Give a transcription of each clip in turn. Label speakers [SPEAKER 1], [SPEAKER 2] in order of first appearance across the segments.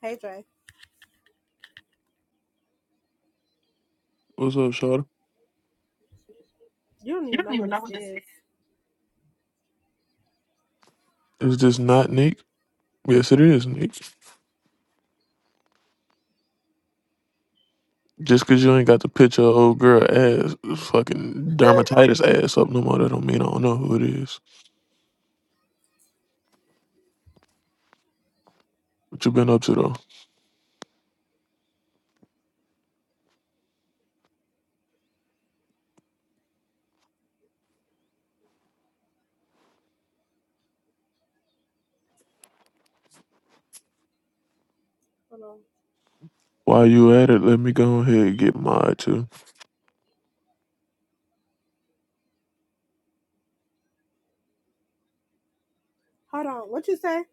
[SPEAKER 1] Hey Jay,
[SPEAKER 2] What's up, Shawty?
[SPEAKER 1] you don't even know who this is.
[SPEAKER 2] Is this not Nick? Yes, it is Nick. Just 'cause you ain't got the picture of old girl ass, fucking dermatitis ass up no more, that don't mean I don't know who it is. What you been up to though?
[SPEAKER 1] Hold on.
[SPEAKER 2] While you at it, let me go ahead and get my too.
[SPEAKER 1] Hold on. What you say?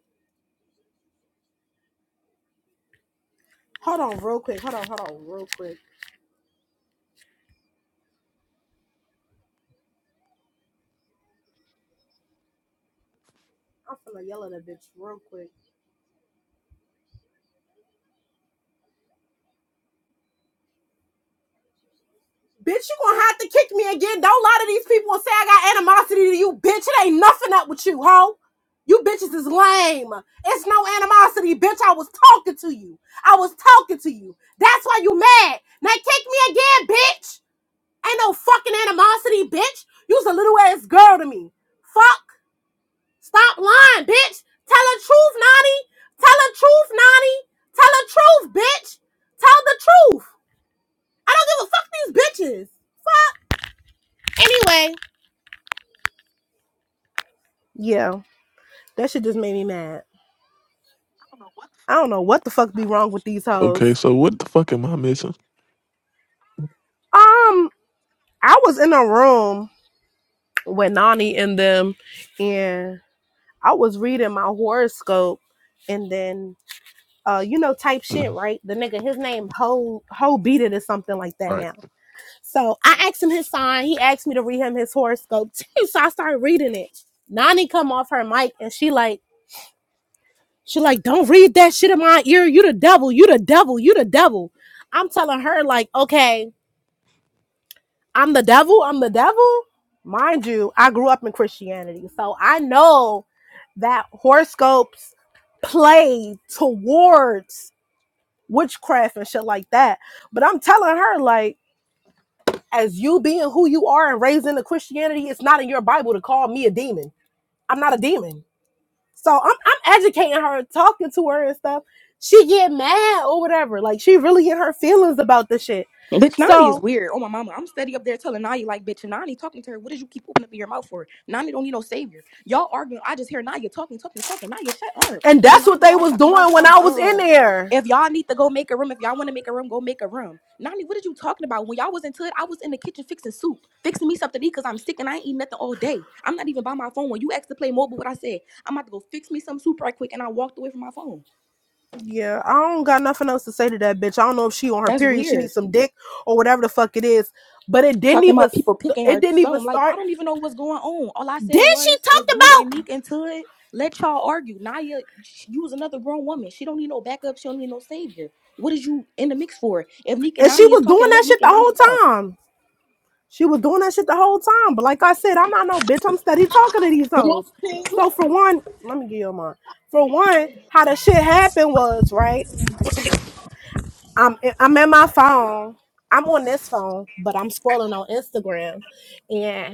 [SPEAKER 1] Hold on, real quick. Hold on. Hold on, real quick. I'm finna yell at a bitch real quick. Bitch, you gonna have to kick me again. Don't lie to these people and say I got animosity to you, bitch. It ain't nothing up with you, hoe. You bitches is lame. It's no animosity, bitch. I was talking to you. I was talking to you. That's why you mad. Now kick me again, bitch. Ain't no fucking animosity, bitch. You's a little ass girl to me. Fuck. Stop lying, bitch. Tell the truth, Nani. Tell the truth, Nani. Tell the truth, bitch. Tell the truth. I don't give a fuck these bitches. Anyway. Yeah, that shit just made me mad. I don't know what the fuck be wrong with these
[SPEAKER 2] Okay,
[SPEAKER 1] hoes.
[SPEAKER 2] so what the fuck am I missing?
[SPEAKER 1] Um, I was in a room with Nani and them, and I was reading my horoscope, and then uh, you know, type shit,
[SPEAKER 2] Mm,
[SPEAKER 1] right? The nigga, his name Ho Ho beat it or something like that
[SPEAKER 2] Right.
[SPEAKER 1] now So I asked him his sign. He asked me to read him his horoscope too. So I started reading it. Nani come off her mic and she like, she like, don't read that shit in my ear. You the devil. You the devil. You the devil. I'm telling her like, okay, I'm the devil. I'm the devil. Mind you, I grew up in Christianity, so I know that horoscopes play towards witchcraft and shit like that. But I'm telling her like as you being who you are and raised into Christianity, it's not in your Bible to call me a demon. I'm not a demon. So I'm I'm educating her talking to her and stuff. She get mad or whatever. Like she really in her feelings about the shit.
[SPEAKER 3] Bitch Nani is
[SPEAKER 1] So
[SPEAKER 3] weird. Oh my mama, I'm steady up there telling Nani like, bitch Nani talking to her. What did you keep opening up your mouth for? Nani don't need no savior. Y'all arguing. I just hear Naya talking, talking, talking. Naya, shut up.
[SPEAKER 1] and
[SPEAKER 3] And
[SPEAKER 1] that's what
[SPEAKER 3] Nani
[SPEAKER 1] they
[SPEAKER 3] all
[SPEAKER 1] was
[SPEAKER 3] talking about
[SPEAKER 1] doing when
[SPEAKER 3] some
[SPEAKER 1] I was in
[SPEAKER 3] um.
[SPEAKER 1] there.
[SPEAKER 3] If y'all need to go make a room, if y'all want to make a room, go make a room. Nani, what are you talking about? When y'all was into it, I was in the kitchen fixing soup, fixing me something to eat because I'm sick and I ain't eating nothing all day. I'm not even by my phone. When you asked to play mobile, what I said, I'm about to go fix me some soup right quick, and I walked away from my phone.
[SPEAKER 1] Yeah, I don't got nothing else to say to that bitch. I don't know if she on her
[SPEAKER 3] That's
[SPEAKER 1] period, she
[SPEAKER 3] weird.
[SPEAKER 1] needs some dick or whatever the fuck it is. But it didn't
[SPEAKER 3] talking
[SPEAKER 1] even
[SPEAKER 3] about people
[SPEAKER 1] st-
[SPEAKER 3] picking
[SPEAKER 1] it
[SPEAKER 3] her
[SPEAKER 1] didn't even
[SPEAKER 3] something. Like, I
[SPEAKER 1] start.
[SPEAKER 3] don't even know what's going on. All I
[SPEAKER 1] Then
[SPEAKER 3] said
[SPEAKER 1] she
[SPEAKER 3] was, if
[SPEAKER 1] talked
[SPEAKER 3] you
[SPEAKER 1] about.
[SPEAKER 3] and Neek into it, let y'all argue. Naya, sh- you was another grown woman. She don't need no backup. She don't need no savior. What is you in the mix for? If Neek and
[SPEAKER 1] And she
[SPEAKER 3] Nani is
[SPEAKER 1] was doing
[SPEAKER 3] talking,
[SPEAKER 1] that
[SPEAKER 3] let
[SPEAKER 1] shit
[SPEAKER 3] Neek
[SPEAKER 1] the
[SPEAKER 3] and Nani talk.
[SPEAKER 1] whole time. She was doing that shit the whole time. But like I said, I'm not no bitch. I'm steady talking to these hoes.
[SPEAKER 4] What's tea?
[SPEAKER 1] So for one, let me give you mine. For one, how the shit happened was right. I'm I'm at my phone. I'm on this phone, but I'm scrolling on Instagram, and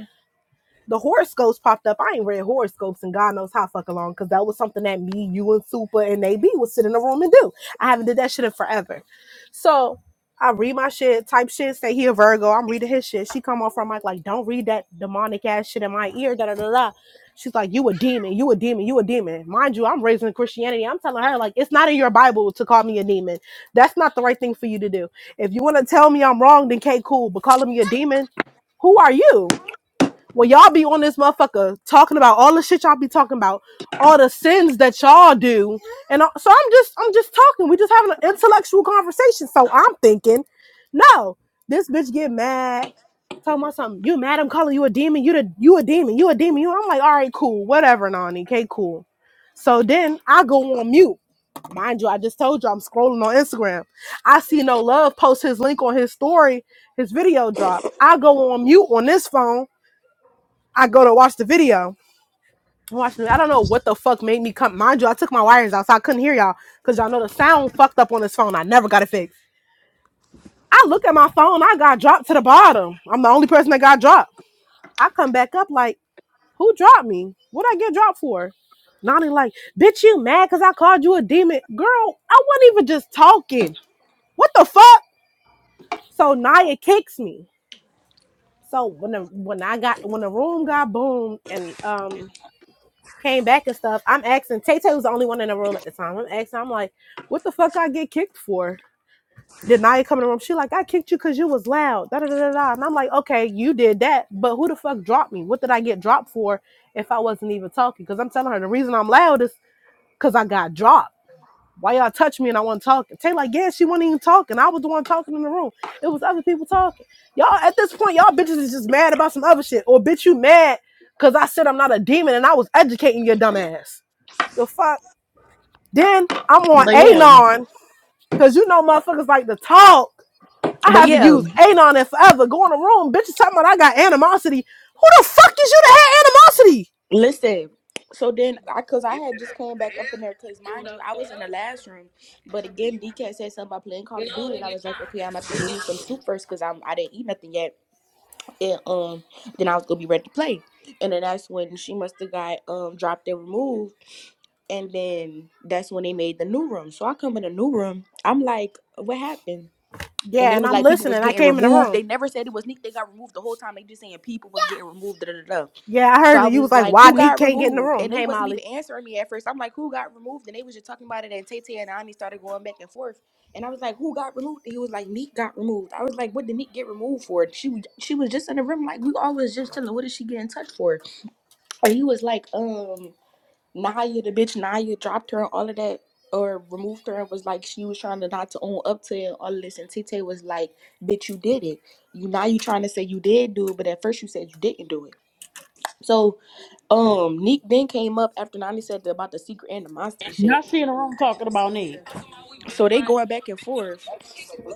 [SPEAKER 1] the horoscopes popped up. I ain't read horoscopes and God knows how fucking long because that was something that me, you, and Super and AB would sit in a room and do. I haven't did that shit in forever. So I read my shit, type shit, say he a Virgo. I'm reading his shit. She come off her mic like, don't read that demonic ass shit in my ear. Da da da da. She's like, you a demon, you a demon, you a demon. Mind you, I'm raised in Christianity. I'm telling her like, it's not in your Bible to call me a demon. That's not the right thing for you to do. If you want to tell me I'm wrong, then okay, cool. But calling me a demon, who are you? Well, y'all be on this motherfucker talking about all the shit y'all be talking about, all the sins that y'all do, and I- so I'm just I'm just talking. We just having an intellectual conversation. So I'm thinking, no, this bitch get mad. Talking about something, you mad? I'm calling you a demon. You the you a demon. You a demon. You. I'm like, all right, cool, whatever, Nani. Okay, cool. So then I go on mute. Mind you, I just told you I'm scrolling on Instagram. I see no love post his link on his story, his video drop. I go on mute on this phone I go to watch the video. Watch the, I don't know what the fuck made me come. Mind you, I took my wires out, so I couldn't hear y'all because y'all know the sound fucked up on this phone. I never got it fixed. I look at my phone. I got dropped to the bottom. I'm the only person that got dropped. I come back up like, who dropped me? What I get dropped for? Nani like, bitch, you mad because I called you a demon? Girl, I wasn't even just talking. What the fuck? So Naya kicks me. So when the when I got when the room got boomed and um came back and stuff. I'm asking Tay Tay was the only one in the room at the time. I'm asking, I'm like, what the fuck I get kicked for? Did Naya come in the room? She like, I kicked you because you was loud. Da da da da. da." And I'm like, okay, you did that, but who the fuck dropped me? What did I get dropped for if I wasn't even talking? Because I'm telling her the reason I'm loud is because I got dropped. Why y'all touch me and I wasn't talking? Tay like, yeah, she wasn't even talking. I was the one talking in the room. It was other people talking. Y'all at this point, y'all bitches is just mad about some other shit. Or bitch, you mad because I said I'm not a demon and I was educating your dumb ass. The fuck? Then I'm on
[SPEAKER 3] But yeah,
[SPEAKER 1] Anon, cause you know motherfuckers like to talk. I
[SPEAKER 3] but
[SPEAKER 1] haven't
[SPEAKER 3] yeah,
[SPEAKER 1] used Anon in forever. Go in the room, bitches talking about I got animosity. Who the fuck is you to have animosity?
[SPEAKER 3] listen. So then, I cause I had just came back up in there, cause mind you, I was in the last room. But again, DK said something about playing Call of Duty, and I was like, okay, I'm about to give me some soup first, cause I'm I didn't eat nothing yet. and um then I was gonna be ready to play. And then that's when she must have got um dropped and removed and then that's when they made the new room. So I come in the new room, I'm like, what happened? And
[SPEAKER 1] Yeah,
[SPEAKER 3] it
[SPEAKER 1] and
[SPEAKER 3] was
[SPEAKER 1] I'm
[SPEAKER 3] like people was
[SPEAKER 1] listening. I
[SPEAKER 3] getting
[SPEAKER 1] came in the
[SPEAKER 3] removed.
[SPEAKER 1] room.
[SPEAKER 3] They never said it was Nick. They got removed the whole time. They just saying people was getting removed. Da, da, da, da.
[SPEAKER 1] Yeah, I
[SPEAKER 3] So
[SPEAKER 1] heard
[SPEAKER 3] I
[SPEAKER 1] that You was
[SPEAKER 3] was
[SPEAKER 1] like,
[SPEAKER 3] like,
[SPEAKER 1] why
[SPEAKER 3] who
[SPEAKER 1] Neek
[SPEAKER 3] got
[SPEAKER 1] can't get in the
[SPEAKER 3] removed?
[SPEAKER 1] room?
[SPEAKER 3] And they
[SPEAKER 1] Hey
[SPEAKER 3] wasn't
[SPEAKER 1] Molly.
[SPEAKER 3] even answering me at first. I'm like, who got removed? And they was just talking about it. And Tay Tay and Ani started going back and forth. And I was like, who got removed? And he was like, Neek got removed. I was like, what did Neek get removed for? She was- she was just in the room, like we always just chilling. What did she get in touch for? And he was like, um, Naya, the bitch Naya dropped her and all of that. Or removed her and was like she was trying to not to own up to it and all of this. And Tay Tay was like, "Bitch, you did it. You now you trying to say you did do it, but at first you said you didn't do it." So um, Nick then came up after Nani said about the secret animosity
[SPEAKER 4] Now
[SPEAKER 3] shit.
[SPEAKER 4] she in the room talking about Nate.
[SPEAKER 3] So they going back and forth,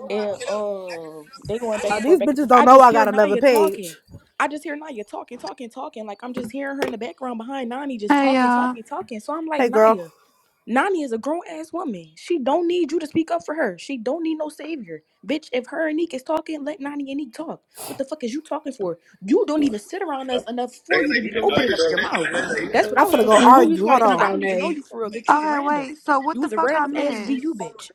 [SPEAKER 3] and um, they going back
[SPEAKER 1] Uh,
[SPEAKER 3] and forth,
[SPEAKER 1] these
[SPEAKER 3] back and
[SPEAKER 1] bitches
[SPEAKER 3] forth.
[SPEAKER 1] don't
[SPEAKER 3] I
[SPEAKER 1] know
[SPEAKER 3] just
[SPEAKER 1] I
[SPEAKER 3] hear
[SPEAKER 1] got another
[SPEAKER 3] Naya
[SPEAKER 1] page.
[SPEAKER 3] talking. I just hear Naya talking, talking, talking. Like I'm just hearing her in the background behind Nani, just
[SPEAKER 5] Hey
[SPEAKER 3] talking,
[SPEAKER 5] y'all.
[SPEAKER 3] talking, talking. So I'm like
[SPEAKER 1] Hey girl,
[SPEAKER 3] Naya. Nani is a grown ass woman. She don't need you to speak up for her. She don't need no savior. Bitch, if her and Neek is talking, let Nani and Neek talk. What the fuck is you talking for? You don't even sit around us enough for you to be opening up your mouth. That's what I
[SPEAKER 1] I'm
[SPEAKER 3] was
[SPEAKER 1] finna go
[SPEAKER 4] And
[SPEAKER 3] confused
[SPEAKER 4] who
[SPEAKER 3] on
[SPEAKER 4] you
[SPEAKER 1] argue.
[SPEAKER 3] too,
[SPEAKER 1] Hold
[SPEAKER 3] bitch.
[SPEAKER 4] talking
[SPEAKER 1] on.
[SPEAKER 3] I
[SPEAKER 4] about,
[SPEAKER 3] don't even know
[SPEAKER 4] Nate?
[SPEAKER 3] you for real, bitch. You
[SPEAKER 5] All
[SPEAKER 3] was a
[SPEAKER 5] Okay,
[SPEAKER 3] random.
[SPEAKER 5] wait. So what
[SPEAKER 3] You
[SPEAKER 5] the
[SPEAKER 3] was a
[SPEAKER 5] fuck I
[SPEAKER 3] random ass VU
[SPEAKER 5] missed?
[SPEAKER 3] bitch.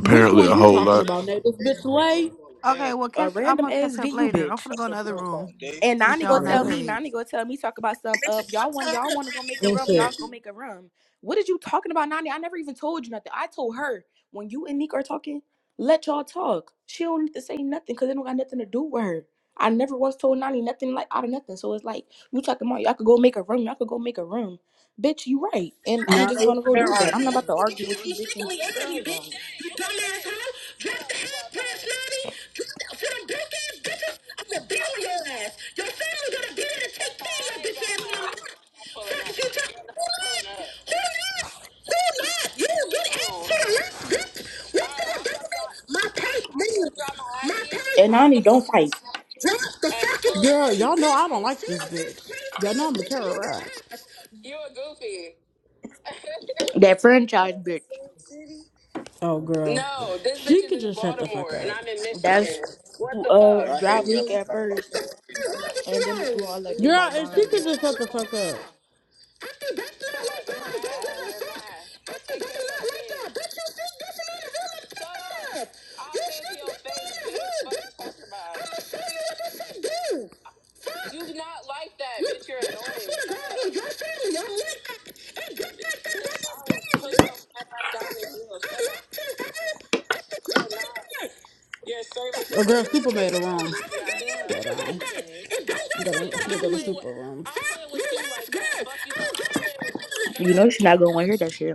[SPEAKER 4] Which
[SPEAKER 2] a
[SPEAKER 4] one you
[SPEAKER 2] whole
[SPEAKER 4] talking
[SPEAKER 2] lot.
[SPEAKER 4] about, Nate? This bitch Lay?
[SPEAKER 5] Okay, well
[SPEAKER 3] A
[SPEAKER 5] catch. I'm
[SPEAKER 3] random
[SPEAKER 5] gonna
[SPEAKER 3] ass
[SPEAKER 5] catch up
[SPEAKER 3] VU
[SPEAKER 5] later. I'm
[SPEAKER 3] bitch.
[SPEAKER 5] gonna go in the other room
[SPEAKER 3] And
[SPEAKER 5] since
[SPEAKER 3] Nani
[SPEAKER 5] y'all
[SPEAKER 3] go
[SPEAKER 5] on that
[SPEAKER 3] tell me,
[SPEAKER 5] page.
[SPEAKER 3] Nani go tell me, talk about some of y'all want y'all want to go make a rum, y'all go make a rum. What did you talking about, Nani? I never even told you nothing. I told her when you and Nick are talking, let y'all talk. She don't need to say nothing because it don't got nothing to do with her. I never once told Nani nothing like out of nothing. So it's like you talking about y'all could go make a room, y'all could go make a room. Bitch, you right. And I'm
[SPEAKER 4] Not
[SPEAKER 3] just
[SPEAKER 4] over
[SPEAKER 3] gonna go
[SPEAKER 4] there
[SPEAKER 3] do that.
[SPEAKER 4] arguing.
[SPEAKER 3] I'm not about to argue with you,
[SPEAKER 4] You
[SPEAKER 3] bitch, and
[SPEAKER 4] sickly energy,
[SPEAKER 3] girl.
[SPEAKER 4] bitch.
[SPEAKER 3] um,
[SPEAKER 4] You dumbass hoe. Drop the head, personality. Drop the for them broke ass bitches. I'm gonna beat on your ass. Your family gonna be there to take care of your bitch ass when I'm done. Fuck you talking. Who not? Who not? Who not? You get ass to the left, bitch. What the fuck? My purse, man. My purse.
[SPEAKER 3] And Nani don't fight.
[SPEAKER 4] Drop the fucking. Yeah, y'all know I don't like this bitch. Y'all know I'm a terrorist.
[SPEAKER 3] That franchise bitch.
[SPEAKER 4] Oh, girl. She could is just shut the fuck up.
[SPEAKER 3] That's who um
[SPEAKER 4] hate
[SPEAKER 3] dropped Nick at first.
[SPEAKER 4] Girl,
[SPEAKER 3] and then we're doing all that dick biting
[SPEAKER 4] if she
[SPEAKER 3] behind
[SPEAKER 4] could
[SPEAKER 3] her.
[SPEAKER 4] just shut the fuck up. Oh, girl, Super made a wrong. Yeah, I know. Hold She gotta, she gotta go to Super room.
[SPEAKER 3] You know she's not gonna want to hear that shit.